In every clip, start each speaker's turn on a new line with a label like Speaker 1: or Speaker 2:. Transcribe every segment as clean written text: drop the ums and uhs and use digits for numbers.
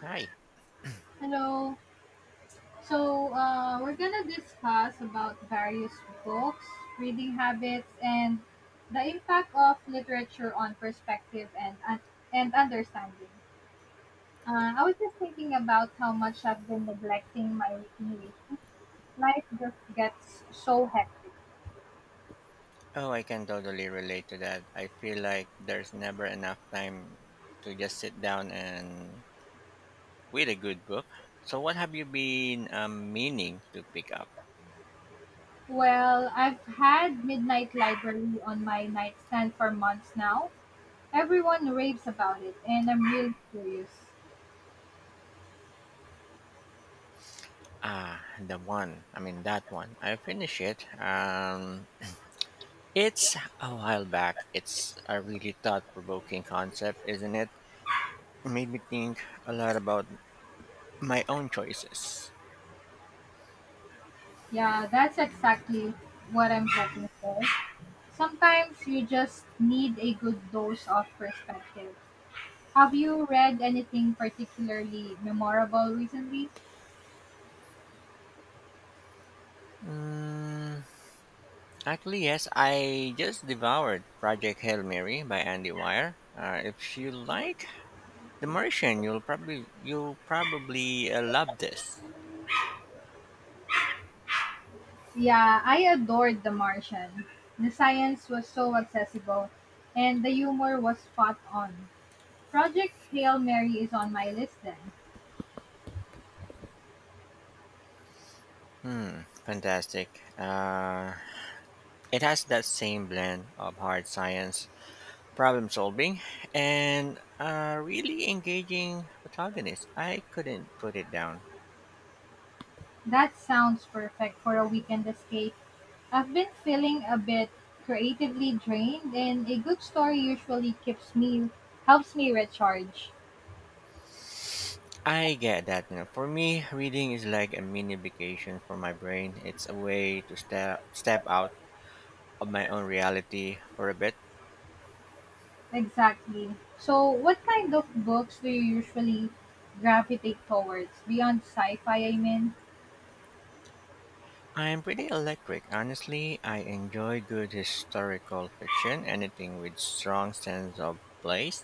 Speaker 1: Hi.
Speaker 2: Hello. We're gonna discuss about various books, reading habits, and the impact of literature on perspective and understanding. I was just thinking about how much I've been neglecting my reading. Week. Life just gets so hectic.
Speaker 1: Oh, I can totally relate to that. I feel like there's never enough time to just sit down and with a good book. So, what have you been meaning to pick up?
Speaker 2: Well, I've had Midnight Library on my nightstand for months now. Everyone raves about it, and I'm really curious.
Speaker 1: Ah, the one. I mean, That one. I finished it. It's a while back. It's a really thought provoking concept, isn't it? Made me think a lot about my own choices.
Speaker 2: Yeah, that's exactly what I'm hoping for. Sometimes you just need a good dose of perspective. Have you read anything particularly memorable recently?
Speaker 1: Mm, Actually, yes, I just devoured Project Hail Mary by Andy Weir. If you like The Martian, you'll probably love this.
Speaker 2: Yeah, I adored The Martian. The science was so accessible, and the humor was spot on. Project Hail Mary is on my list then.
Speaker 1: Hmm, fantastic. It has that same blend of hard science, problem solving, and a really engaging protagonist. I couldn't put it down.
Speaker 2: That sounds perfect for a weekend escape. I've been feeling a bit creatively drained, and a good story usually keeps me helps me recharge.
Speaker 1: I get that. You know, for me, reading is like a mini vacation for my brain. It's a way to step out of my own reality for a bit.
Speaker 2: Exactly. So, what kind of books do you usually gravitate towards beyond sci-fi? I mean,
Speaker 1: I'm pretty electric, honestly. I enjoy good historical fiction, anything with strong sense of place,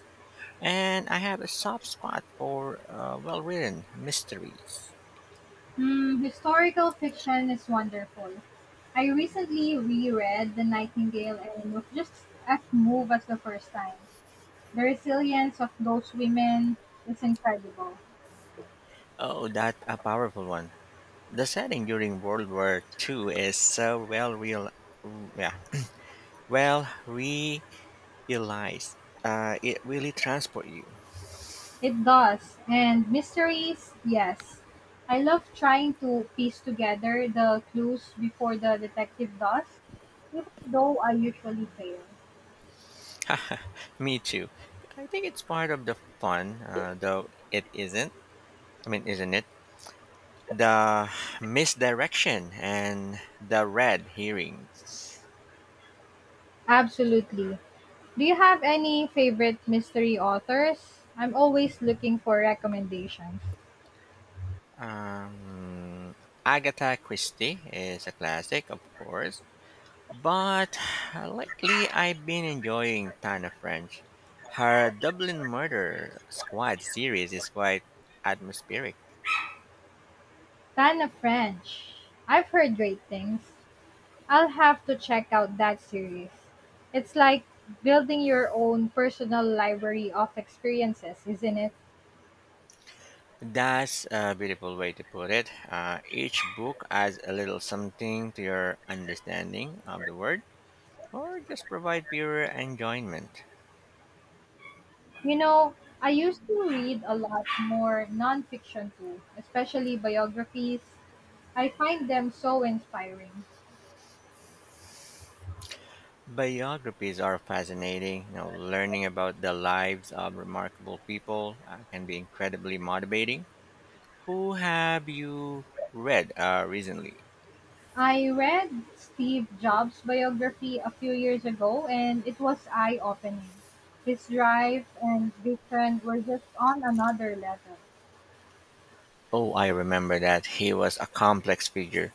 Speaker 1: and I have a soft spot for well-written mysteries.
Speaker 2: hmm, historical fiction is wonderful. I recently reread The Nightingale and was just as moved as the first time. The resilience of those women is incredible.
Speaker 1: Oh, that a powerful one. The setting during World War II is so well real, yeah, well realized. It really transport you.
Speaker 2: It does. And mysteries, yes. I love trying to piece together the clues before the detective does, even though I usually fail.
Speaker 1: Me too. I think it's part of the fun, though it isn't I mean, isn't it? The misdirection and the red herrings.
Speaker 2: Absolutely. Do you have any favorite mystery authors? I'm always looking for recommendations.
Speaker 1: Um, Agatha Christie is a classic, of course, but lately I've been enjoying Tana French. Her Dublin Murder Squad series is quite atmospheric.
Speaker 2: Tana French. I've heard great things. I'll have to check out that series. It's like building your own personal library of experiences, isn't it?
Speaker 1: That's a beautiful way to put it. Each book adds a little something to your understanding of the word, or just provide pure enjoyment.
Speaker 2: You know, I used to read a lot more nonfiction too, especially biographies. I find them so inspiring.
Speaker 1: Biographies are fascinating. You know, learning about the lives of remarkable people can be incredibly motivating. Who have you read recently?
Speaker 2: I read Steve Jobs' biography a few years ago and it was eye opening. His drive and vision were just on another level.
Speaker 1: Oh, I remember that he was a complex figure.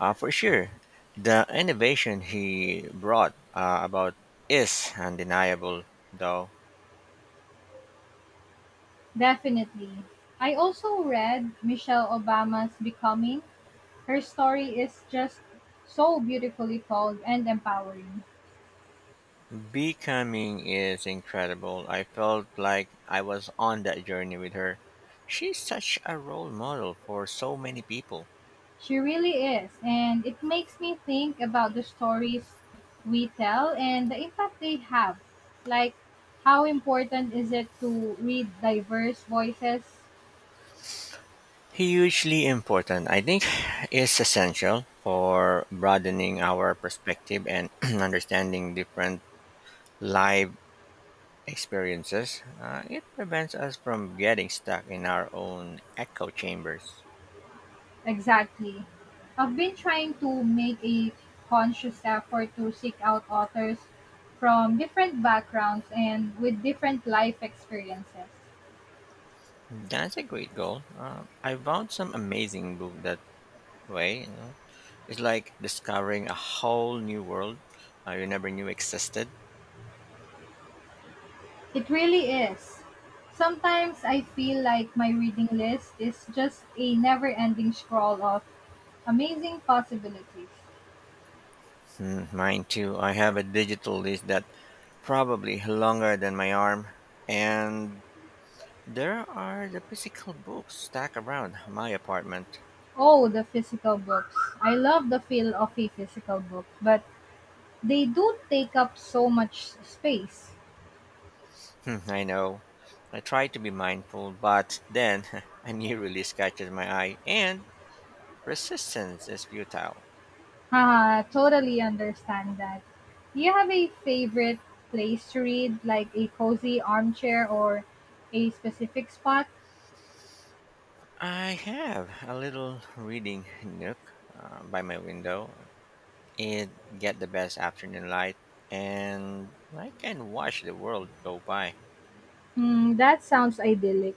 Speaker 1: For sure, the innovation he brought about is undeniable, though.
Speaker 2: Definitely. I also read Michelle Obama's Becoming. Her story is just so beautifully told and empowering.
Speaker 1: Becoming is incredible. I felt like I was on that journey with her. She's such a role model for so many people.
Speaker 2: She really is, and it makes me think about the stories we tell and the impact they have. Like, how important is it to read diverse voices?
Speaker 1: Hugely important, I think, is essential for broadening our perspective and understanding different live experiences. It prevents us from getting stuck in our own echo chambers.
Speaker 2: Exactly. I've been trying to make a conscious effort to seek out authors from different backgrounds and with different life experiences.
Speaker 1: That's a great goal. I found some amazing book that way. You know, it's like discovering a whole new world you never knew existed.
Speaker 2: It really is. Sometimes I feel like my reading list is just a never ending scroll of amazing possibilities.
Speaker 1: Hmm, mine too. I have a digital list that probably longer than my arm, and there are the physical books stacked around my apartment.
Speaker 2: Oh, the physical books. I love the feel of a physical book, but they do take up so much space.
Speaker 1: Hmm, I know. I try to be mindful, but then a new release catches my eye, and resistance is futile.
Speaker 2: Haha, totally understand that. Do you have a favorite place to read, like a cozy armchair or a specific spot?
Speaker 1: I have a little reading nook by my window. It get the best afternoon light, and I can watch the world go by.
Speaker 2: Hmm, that sounds idyllic.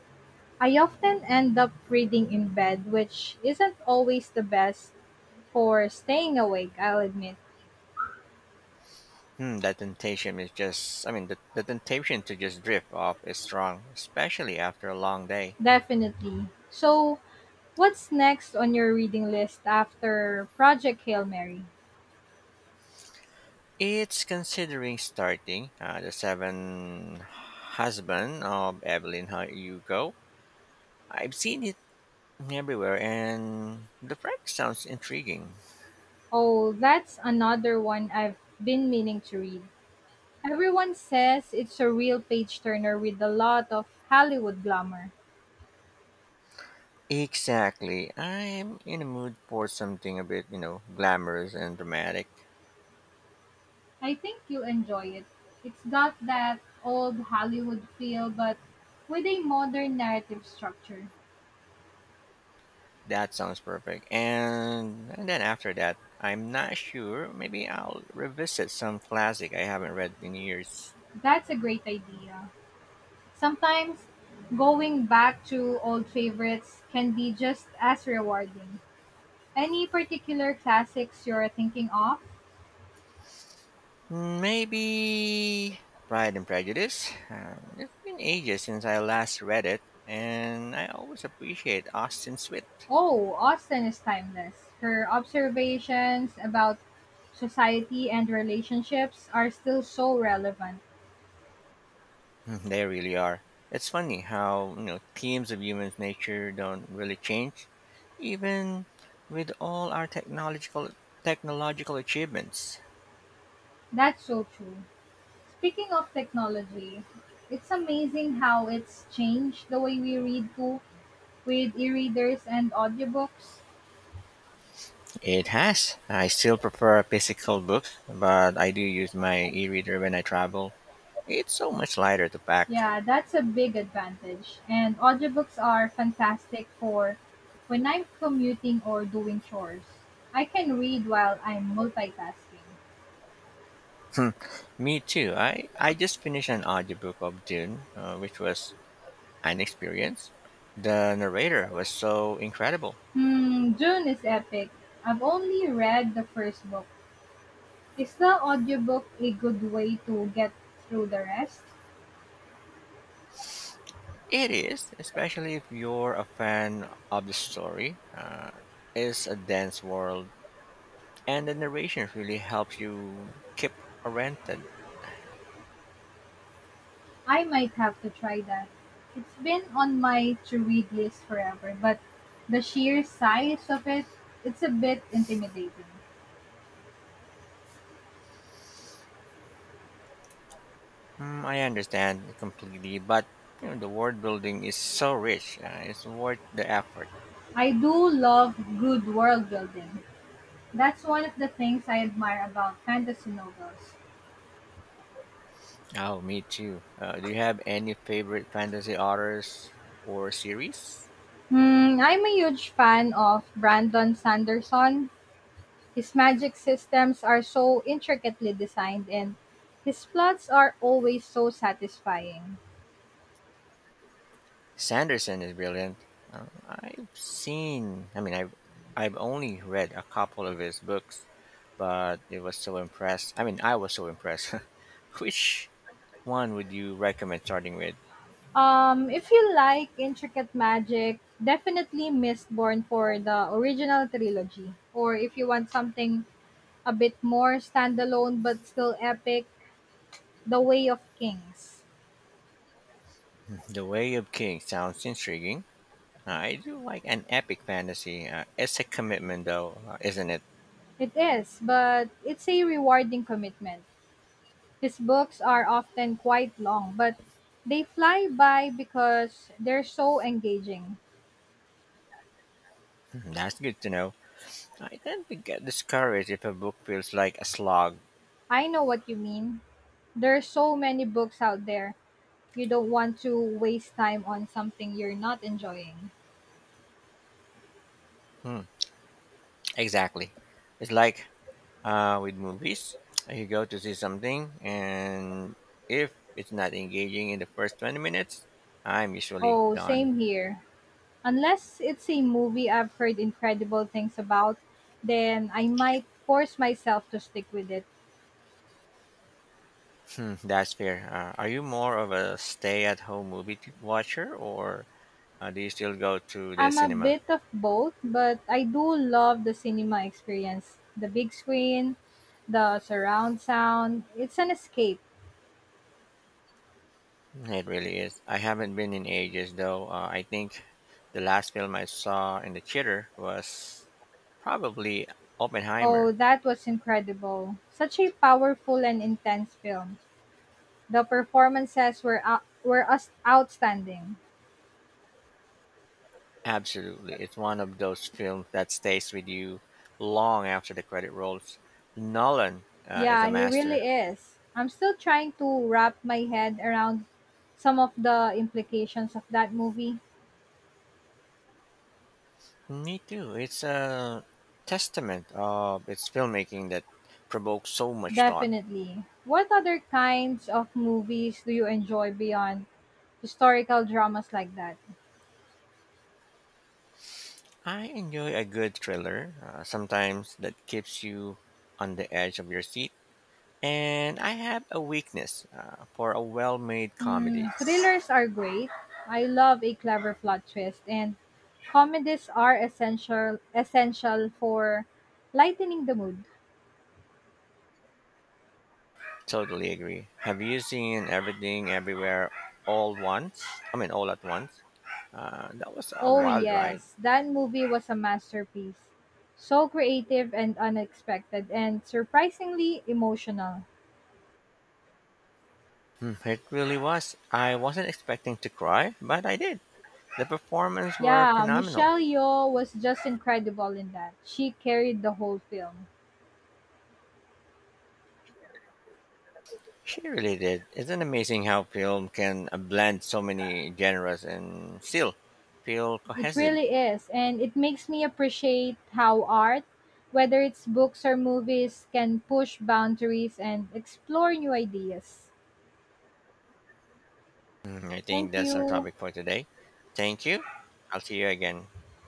Speaker 2: I often end up reading in bed, which isn't always the best for staying awake, I'll admit.
Speaker 1: Hmm, that temptation is just—I mean, the temptation to just drift off is strong, especially after a long day.
Speaker 2: Definitely. So, what's next on your reading list after Project Hail Mary?
Speaker 1: It's considering starting The Seven Husband of Evelyn Hugo. I've seen it everywhere and the premise sounds intriguing.
Speaker 2: Oh, that's another one I've been meaning to read. Everyone says it's a real page turner with a lot of Hollywood glamour.
Speaker 1: Exactly. I'm in a mood for something a bit, you know, glamorous and dramatic.
Speaker 2: I think you'll enjoy it. It's got that old Hollywood feel, but with a modern narrative structure.
Speaker 1: That sounds perfect. And then after that, I'm not sure. Maybe I'll revisit some classic I haven't read in years.
Speaker 2: That's a great idea. Sometimes going back to old favorites can be just as rewarding. Any particular classics you're thinking of?
Speaker 1: Maybe Pride and Prejudice. It's been ages since I last read it, and I always appreciate Austen's wit.
Speaker 2: Oh, Austen is timeless. Her observations about society and relationships are still so relevant.
Speaker 1: Mhm, they really are. It's funny how you know themes of human nature don't really change, even with all our technological achievements.
Speaker 2: That's so true. Speaking of technology, it's amazing how it's changed the way we read too with e-readers and audiobooks.
Speaker 1: It has. I still prefer physical books, but I do use my e-reader when I travel. It's so much lighter to pack.
Speaker 2: Yeah, that's a big advantage. And audiobooks are fantastic for when I'm commuting or doing chores. I can read while I'm multitasking.
Speaker 1: Hmm, me too. I just finished an audiobook of Dune, which was an experience. The narrator was so incredible.
Speaker 2: Hmm, June is epic. I've only read the first book. Is the audiobook a good way to get through the rest?
Speaker 1: It is, especially if you're a fan of the story. It's a dense world, and the narration really helps you keep oriented.
Speaker 2: I might have to try that. It's been on my to read list forever, but the sheer size of it, it's a bit intimidating.
Speaker 1: Mm, I understand completely, but you know, the world building is so rich. It's worth the effort.
Speaker 2: I do love good world building. That's one of the things I admire about fantasy novels.
Speaker 1: Oh, me too. Do you have any favorite fantasy authors or series?
Speaker 2: Hmm, I'm a huge fan of Brandon Sanderson. His magic systems are so intricately designed and his plots are always so satisfying.
Speaker 1: Sanderson is brilliant. I've seen, I mean, I've only read a couple of his books, but it was so impressed. I mean, I was so impressed. Which one would you recommend starting with?
Speaker 2: If you like intricate magic, definitely Mistborn for the original trilogy. Or if you want something a bit more standalone but still epic, The Way of Kings.
Speaker 1: The Way of Kings sounds intriguing. I do like an epic fantasy. It's a commitment, though, isn't it?
Speaker 2: It is, but it's a rewarding commitment. His books are often quite long, but they fly by because they're so engaging.
Speaker 1: Mhm, that's good to know. I tend to get discouraged if a book feels like a slog.
Speaker 2: I know what you mean. There are so many books out there. You don't want to waste time on something you're not enjoying.
Speaker 1: Hmm, exactly. It's like with movies. You go to see something, and if it's not engaging in the first 20 minutes, I'm usually
Speaker 2: Oh,
Speaker 1: done.
Speaker 2: same here. Unless it's a movie I've heard incredible things about, then I might force myself to stick with it.
Speaker 1: Hmm, that's fair. Are you more of a stay at home watcher, or do you still go to the
Speaker 2: I'm a
Speaker 1: cinema?
Speaker 2: bit of both, but I do love the cinema experience. The big screen, the surround sound, it's an escape.
Speaker 1: It really is. I haven't been in ages, though. I think the last film I saw in the theater was probably
Speaker 2: Oh,
Speaker 1: Oppenheimer.
Speaker 2: that was incredible. Such a powerful and intense film. The performances were us outstanding.
Speaker 1: Absolutely. It's one of those films that stays with you long after the credit rolls. Nolan is a
Speaker 2: Yeah, he
Speaker 1: master.
Speaker 2: really is. I'm still trying to wrap my head around some of the implications of that movie.
Speaker 1: Me too. It's a testament of its filmmaking that provokes so much thought.
Speaker 2: Definitely. What other kinds of movies do you enjoy beyond historical dramas like that.
Speaker 1: I enjoy a good thriller, sometimes that keeps you on the edge of your seat. And I have a weakness for a well made comedy.
Speaker 2: Hmm, thrillers are great. I love a clever plot twist, and comedies are essential for lightening the mood.
Speaker 1: Totally agree. Have you seen everything everywhere all once? I mean, all at once. That was a
Speaker 2: Oh
Speaker 1: wild ride.
Speaker 2: yes, that movie was a masterpiece. So creative and unexpected, and surprisingly emotional.
Speaker 1: Hmm, it really was. I wasn't expecting to cry, but I did. The performances were
Speaker 2: Yeah,
Speaker 1: phenomenal.
Speaker 2: Michelle Yeoh was just incredible in that. She carried the whole film.
Speaker 1: She really did. Isn't amazing how film can blend so many genres and still feel
Speaker 2: It
Speaker 1: cohesive?
Speaker 2: really is, and it makes me appreciate how art, whether it's books or movies, can push boundaries and explore new ideas.
Speaker 1: Hmm, I
Speaker 2: Thank
Speaker 1: think that's our
Speaker 2: you.
Speaker 1: topic for today. Thank you. I'll see you again.